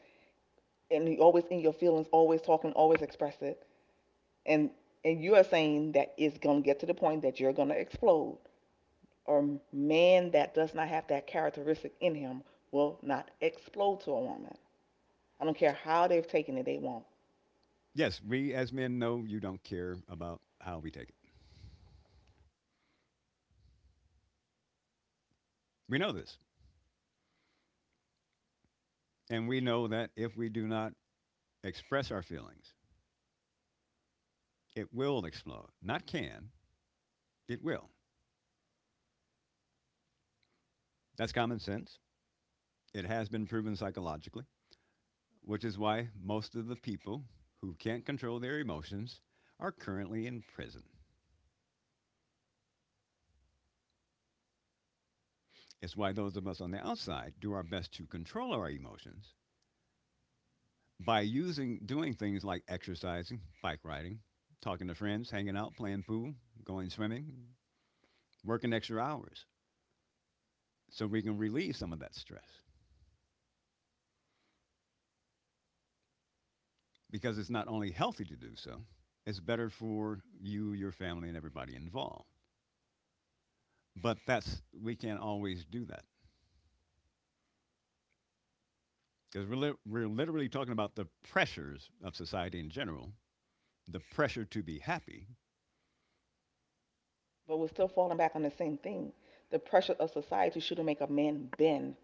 and always in your feelings, always talking, always express it. And and you are saying that it's gonna get to the point that you're gonna explode. Or man that does not have that characteristic in him will not explode to a woman. I don't care how they've taken it, they won't.
Yes, we as men know you don't care about how we take it. We know this. And we know that if we do not express our feelings, it will explode. Not can, it will. That's common sense. It has been proven psychologically, which is why most of the people who can't control their emotions are currently in prison. It's why those of us on the outside do our best to control our emotions by using doing things like exercising, bike riding, talking to friends, hanging out, playing pool, going swimming, working extra hours so we can relieve some of that stress, because it's not only healthy to do so, it's better for you, your family, and everybody involved. But that's we can't always do that because we're literally talking about the pressures of society in general, the pressure to be happy.
But we're still falling back on the same thing. The pressure of society shouldn't make a man bend.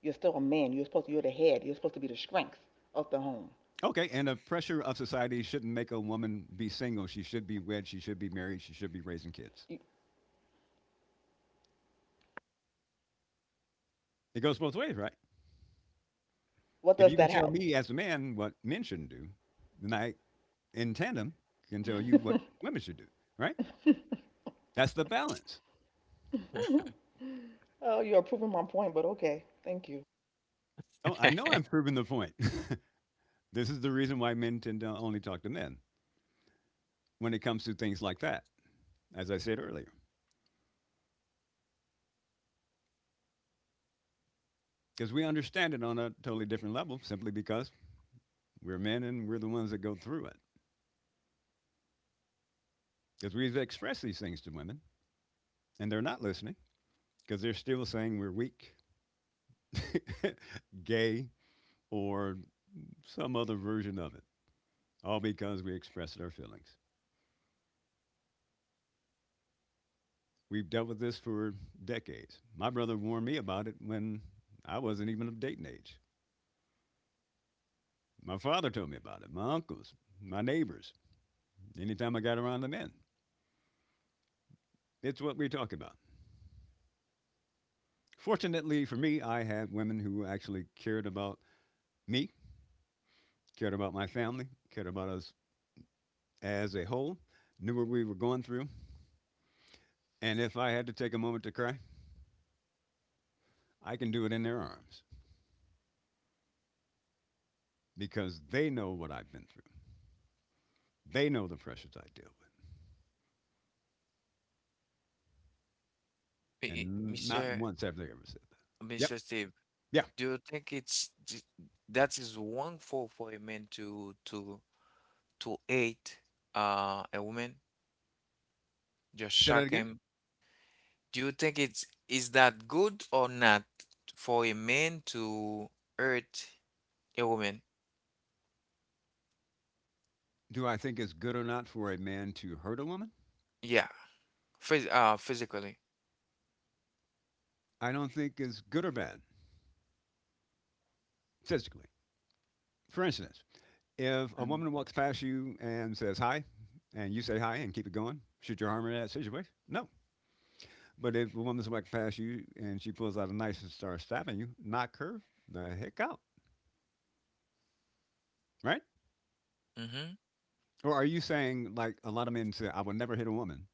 You're still a man. You're the head. You're supposed to be the strength of the home.
Okay, and the pressure of society shouldn't make a woman be single. She should be wed. She should be married. She should be raising kids.
You-
It goes both ways, right?
What
If
does
you can
that
tell
help?
me as a man what men shouldn't do, then I, in tandem, can tell you what women should do, right? That's the balance.
<laughs> Oh, you're proving my point, but okay. Thank you.
Oh, I know I'm proving the point. <laughs> This is the reason why men tend to only talk to men when it comes to things like that, as I said earlier, because we understand it on a totally different level simply because we're men and we're the ones that go through it. Because we've expressed these things to women and they're not listening because they're still saying we're weak, <laughs> gay, or some other version of it, all because we expressed our feelings. We've dealt with this for decades. My brother warned me about it when I wasn't even of dating age. My father told me about it, my uncles, my neighbors, anytime I got around the men. It's what we're talking about. Fortunately for me, I had women who actually cared about me, cared about my family, cared about us as a whole, knew what we were going through. And if I had to take a moment to cry, I can do it in their arms because they know what I've been through. They know the pressures I deal with.
I-
And not
Mr.,
once have they ever said that. Yep.
Steve,
Yeah.
do you think it's, that is wrongful for a man to, to hate, a woman, just
Say that
shock
again.
him? Do you think it's, is that good or not, for a man to hurt? A woman.
Do I think it's good or not for a man to hurt a woman?
Yeah. Physically.
I don't think it's good or bad physically. For instance, if a
Mm.
woman walks past you and says hi, and you say hi and keep it going, should you harm her in that situation? No. But if a woman's walking past you and she pulls out a knife and starts stabbing you, knock her the heck out, right?
Mhm.
Or are you saying like a lot of men say, I will never hit a woman,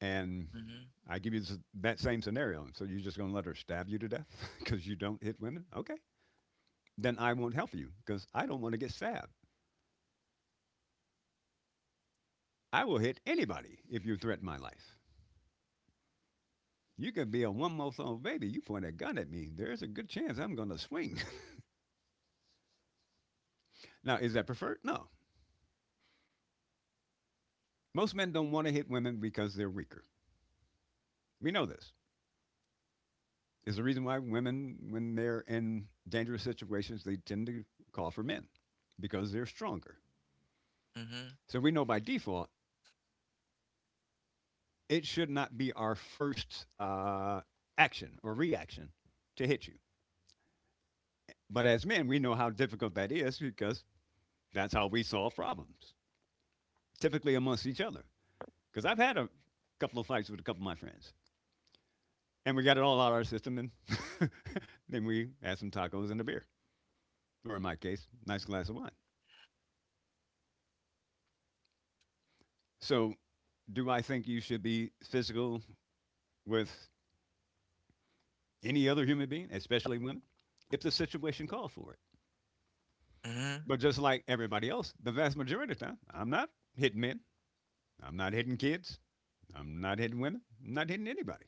and
Mhm.
I give you this, that same scenario, so you're just going to let her stab you to death because <laughs> you don't hit women? Okay, then I won't help you because I don't want to get stabbed. I will hit anybody if you threaten my life. You could be a 1-month old baby. You point a gun at me. There's a good chance I'm going to swing. <laughs> Now, is that preferred? No. Most men don't want to hit women because they're weaker. We know this. It's the reason why women, when they're in dangerous situations, they tend to call for men because they're stronger.
Mhm.
So we know by default, it should not be our first action or reaction to hit you. But as men, we know how difficult that is because that's how we solve problems, typically amongst each other. Because I've had a couple of fights with a couple of my friends, and we got it all out of our system, and <laughs> then we had some tacos and a beer, or in my case, nice glass of wine. So, do I think you should be physical with any other human being, especially women, if the situation calls for it?
Mhm.
But just like everybody else, the vast majority of the time, I'm not hitting men, I'm not hitting kids, I'm not hitting women, I'm not hitting anybody.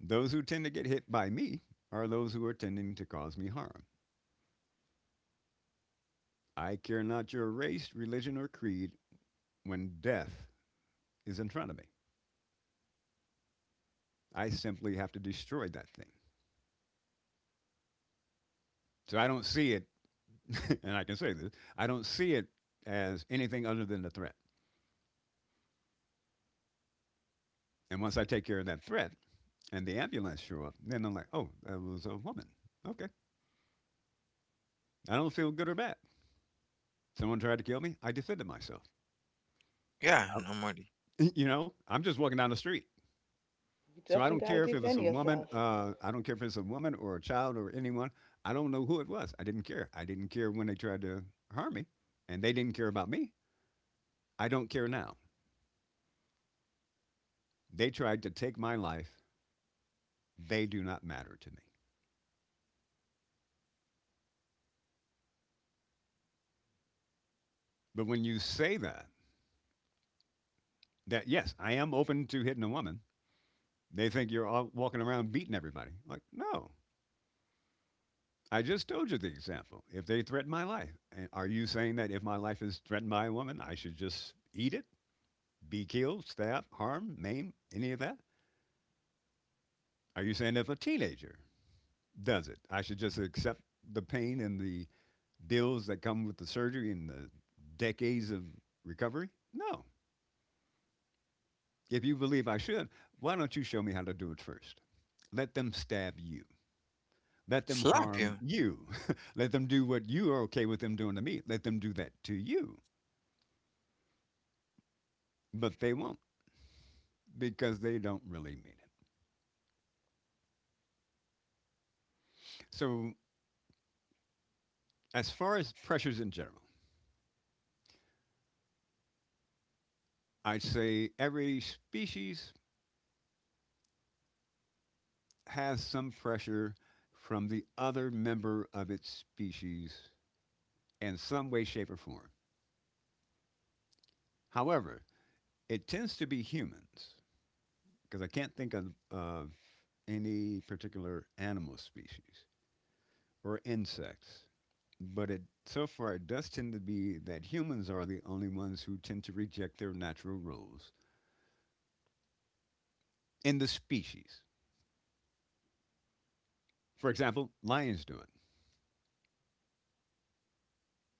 Those who tend to get hit by me are those who are tending to cause me harm. I care not your race, religion, or creed when death is in front of me. I simply have to destroy that thing. So I don't see it, <laughs> and I can say this I don't see it as anything other than a threat. And once I take care of that threat and the ambulance show up, then I'm like, oh, that was a woman. Okay. I don't feel good or bad. Someone tried to kill me. I defended myself.
Yeah,
I-
normally.
<laughs> you know, I'm just walking down the street.
You
So I don't
definitely got to
care if it was
defend
a woman.
yourself.
I don't care if it's a woman or a child or anyone. I don't know who it was. I didn't care. I didn't care when they tried to harm me, and they didn't care about me. I don't care now. They tried to take my life. They do not matter to me. But when you say that, that yes, I am open to hitting a woman, they think you're all walking around beating everybody. Like, no. I just told you the example. If they threaten my life, and are you saying that if my life is threatened by a woman, I should just eat it? Be killed, stabbed, harmed, maimed, any of that? Are you saying if a teenager does it, I should just accept the pain and the bills that come with the surgery and the decades of recovery? No. If you believe I should, why don't you show me how to do it first? Let them stab you. Let them
Slap you.
harm you. <laughs> Let them do what you are okay with them doing to me. Let them do that to you. But they won't because they don't really mean it. So, as far as pressures in general, I'd say every species has some pressure from the other member of its species in some way, shape, or form. However, it tends to be humans, because I can't think of any particular animal species or insects. But it, so far, it does tend to be that humans are the only ones who tend to reject their natural roles in the species. For example, lions do it,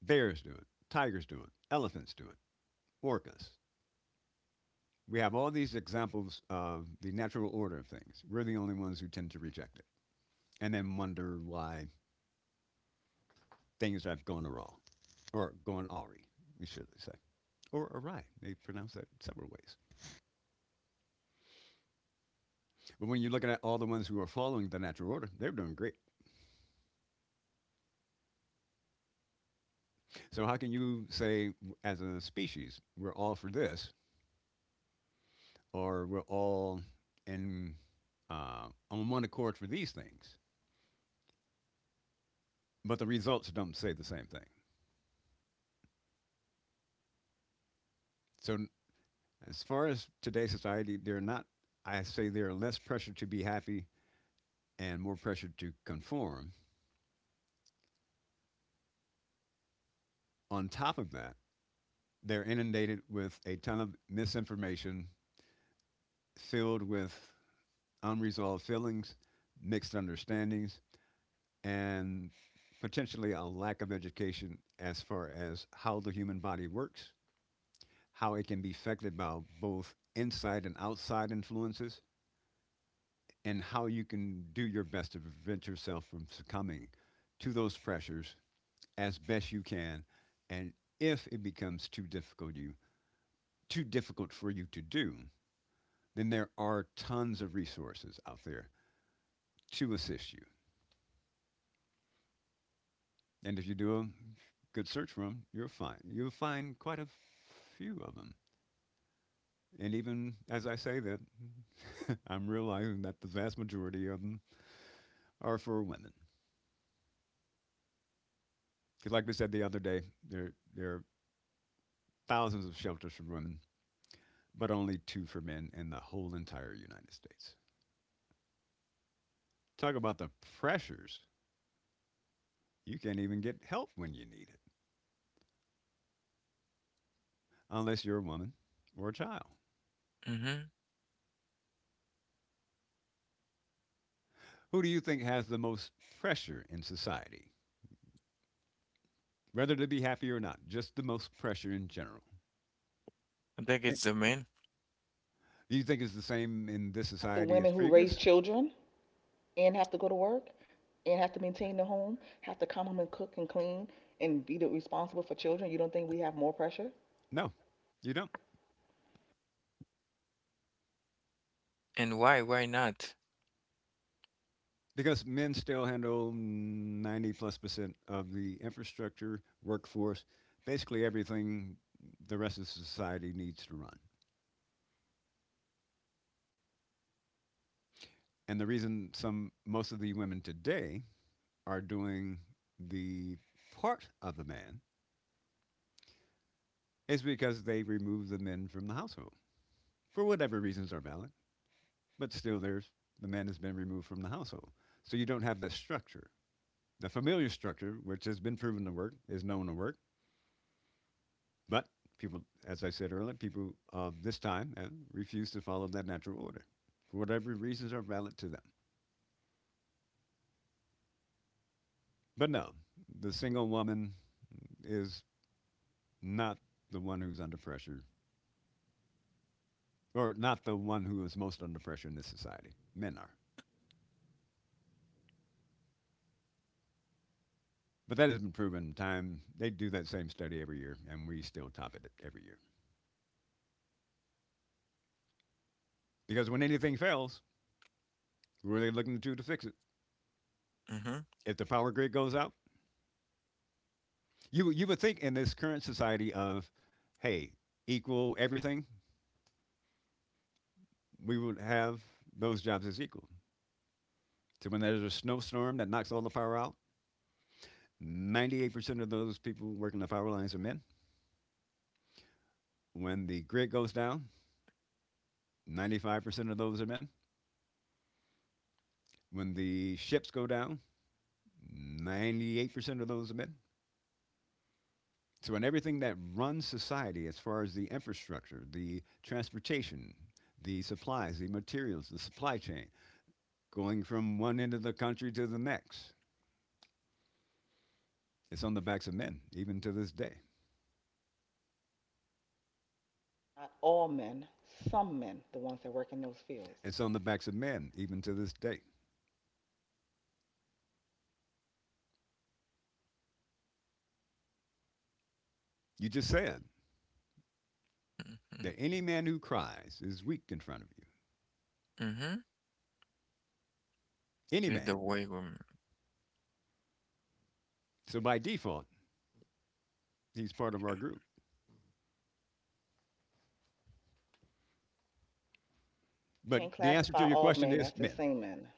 bears do it, tigers do it, elephants do it, orcas. We have all these examples of the natural order of things. We're the only ones who tend to reject it and then wonder why things have gone wrong or gone awry, we should say, or awry. They pronounce that several ways. But when you're looking at all the ones who are following the natural order, they're doing great. So, how can you say, as a species, we're all for this or we're all in, on one accord for these things, but the results don't say the same thing? So, as far as today's society, they're not, I say, there are less pressure to be happy and more pressure to conform. On top of that, they're inundated with a ton of misinformation filled with unresolved feelings, mixed understandings, and potentially a lack of education as far as how the human body works, how it can be affected by both inside and outside influences, and how you can do your best to prevent yourself from succumbing to those pressures as best you can. And if it becomes too difficult for you to do, then there are tons of resources out there to assist you. And if you do a good search for them, you'll find quite a few of them. And even as I say that, <laughs> I'm realizing that the vast majority of them are for women. Because, like we said the other day, there are thousands of shelters for women but only two for men in the whole entire United States. Talk about the pressures. You can't even get help when you need it, unless you're a woman or a child.
Mhm.
Who do you think has the most pressure in society, whether to be happy or not? Just the most pressure in general.
I think
And
it's the man.
do you think it's the same in this
Not the
society as
women who raise
previous?
children and have to go to work and have to maintain the home, have to come home and cook and clean and be responsible for children. You don't think we have more pressure?
No, you don't.
And why? Why not?
Because men still handle 90 plus percent of the infrastructure, workforce, basically everything the rest of society needs to run. And the reason some most of the women today are doing the part of the man is because they remove the men from the household for whatever reasons are valid. But still, the man has been removed from the household, so you don't have that structure. The familiar structure, which has been proven to work, is known to work, but people, as I said earlier, people of this time refuse to follow that natural order for whatever reasons are valid to them. But no, the single woman is not the one who's under pressure or not the one who is most under pressure in this society. Men are. But that has been proven time. They do that same study every year, and we still top it every year. Because when anything fails, who are they looking to fix it?
Mhm.
If the power grid goes out, you would think in this current society of, hey, equal everything, we would have those jobs as equal. So when there's a snowstorm that knocks all the power out, 98% of those people working the power lines are men. When the grid goes down, 95% of those are men. When the ships go down, 98% of those are men. So, in everything that runs society, as far as the infrastructure, the transportation, the supplies, the materials, the supply chain, going from one end of the country to the next, it's on the backs of men, even to this day.
Not all men, some men, the ones that work in those fields.
It's on the backs of men, even to this day. You just said
Mhm.
that any man who cries is weak in front of you.
Mhm.
Any
This is the
man.
way woman.
So, by default, he's part of our group.
You
But
can't
the answer
classify
to your
all
question
men
is
as the
men.
same men.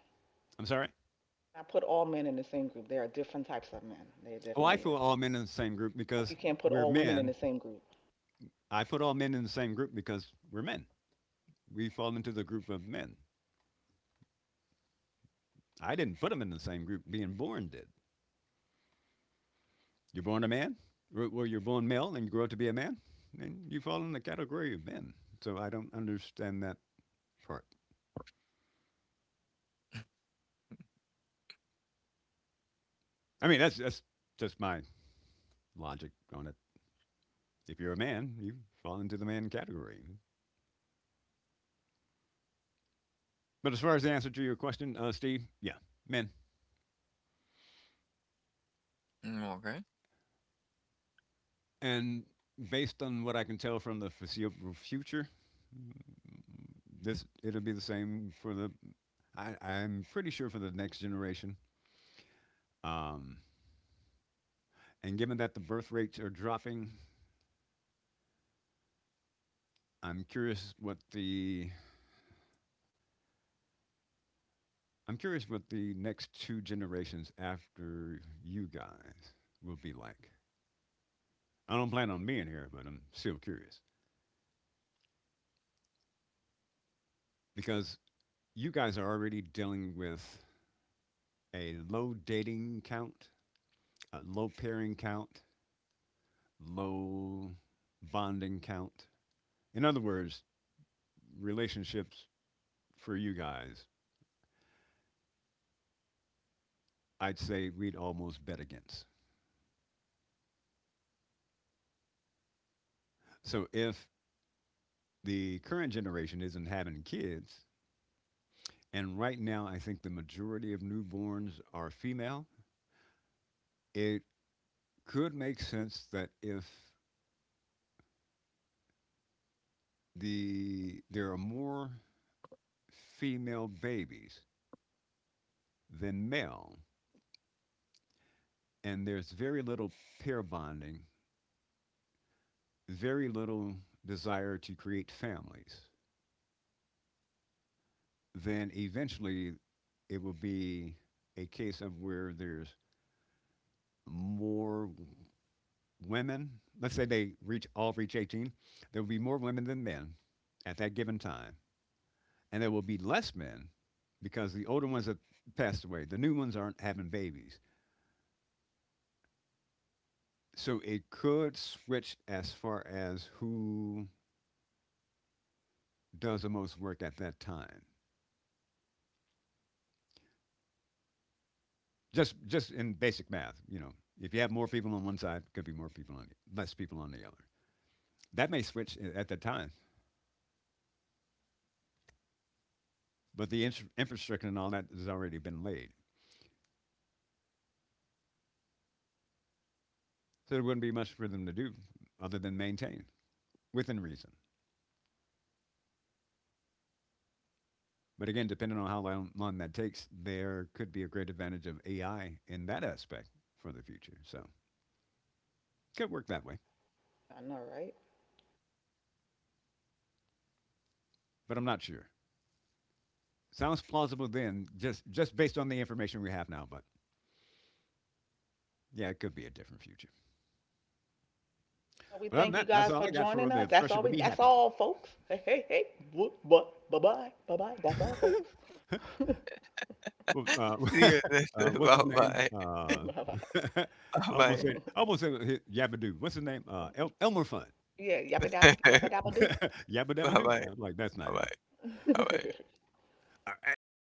I'm sorry?
I put all men in the same group. There are different types of men. There
Oh, I
definitely
feel
is.
all men in the same group
Like
because
you can't put
we're
all women in the
men
same group.
I put all men in the same group because we're men. We fall into the group of men. I didn't put them in the same group. Being born did. You're born a man. Well, you're born male and you grow up to be a man, and you fall in the category of men. So I don't understand that part. I mean, that's just my logic on it. If you're a man, you fall into the man category. But as far as the answer to your question, Steve, yeah, men.
Mm, okay.
And based on what I can tell from the foreseeable future, this it'll be the same for the I'm pretty sure for the next generation. Um, and given that the birth rates are dropping, I'm curious what the I'm curious what the next two generations after you guys will be like. I don't plan on being here, but I'm still curious because you guys are already dealing with a low dating count, a low pairing count, low bonding count. In other words, relationships for you guys I'd say we'd almost bet against. So if the current generation isn't having kids, and right now I think the majority of newborns are female, it could make sense that if there are more female babies than male, and there's very little pair bonding, very little desire to create families, then eventually it will be a case of where there's more women, let's say they reach all reach 18, there will be more women than men at that given time, and there will be less men because the older ones have passed away. The new ones aren't having babies. So it could switch as far as who does the most work at that time. Just in basic math, you know, if you have more people on one side, could be more people on the, less people on the other. That may switch at the time, but the infrastructure and all that has already been laid. So there wouldn't be much for them to do other than maintain, within reason. But again, depending on how long that takes, there could be a great advantage of AI in that aspect for the future. So could work that way,
I know, right?
but I'm not sure. Sounds plausible then, just based on the information we have now. But yeah, it could be a different future.
But we
But other than
thank you
that, that's
guys
all
for
I got for
joining us.
the pressure to be
That's
happy.
all folks. Hey, hey, hey. Bye bye. Bye bye. Bye. That's all folks. <laughs>
Well,
<laughs> See you.
<laughs>
<laughs>
What's
Bye
his name?
bye.
Bye bye.
<laughs>
Bye
I
bye.
I almost said Yabba Doo. What's his name? Elmer Fudd.
Yeah, yappa
<laughs>
dabba
<laughs> Yabba
Bye
Dabba Doo.
bye.
I'm like, that's not
Bye
him.
bye. Bye
do.
bye. <laughs>
<laughs>
All right, so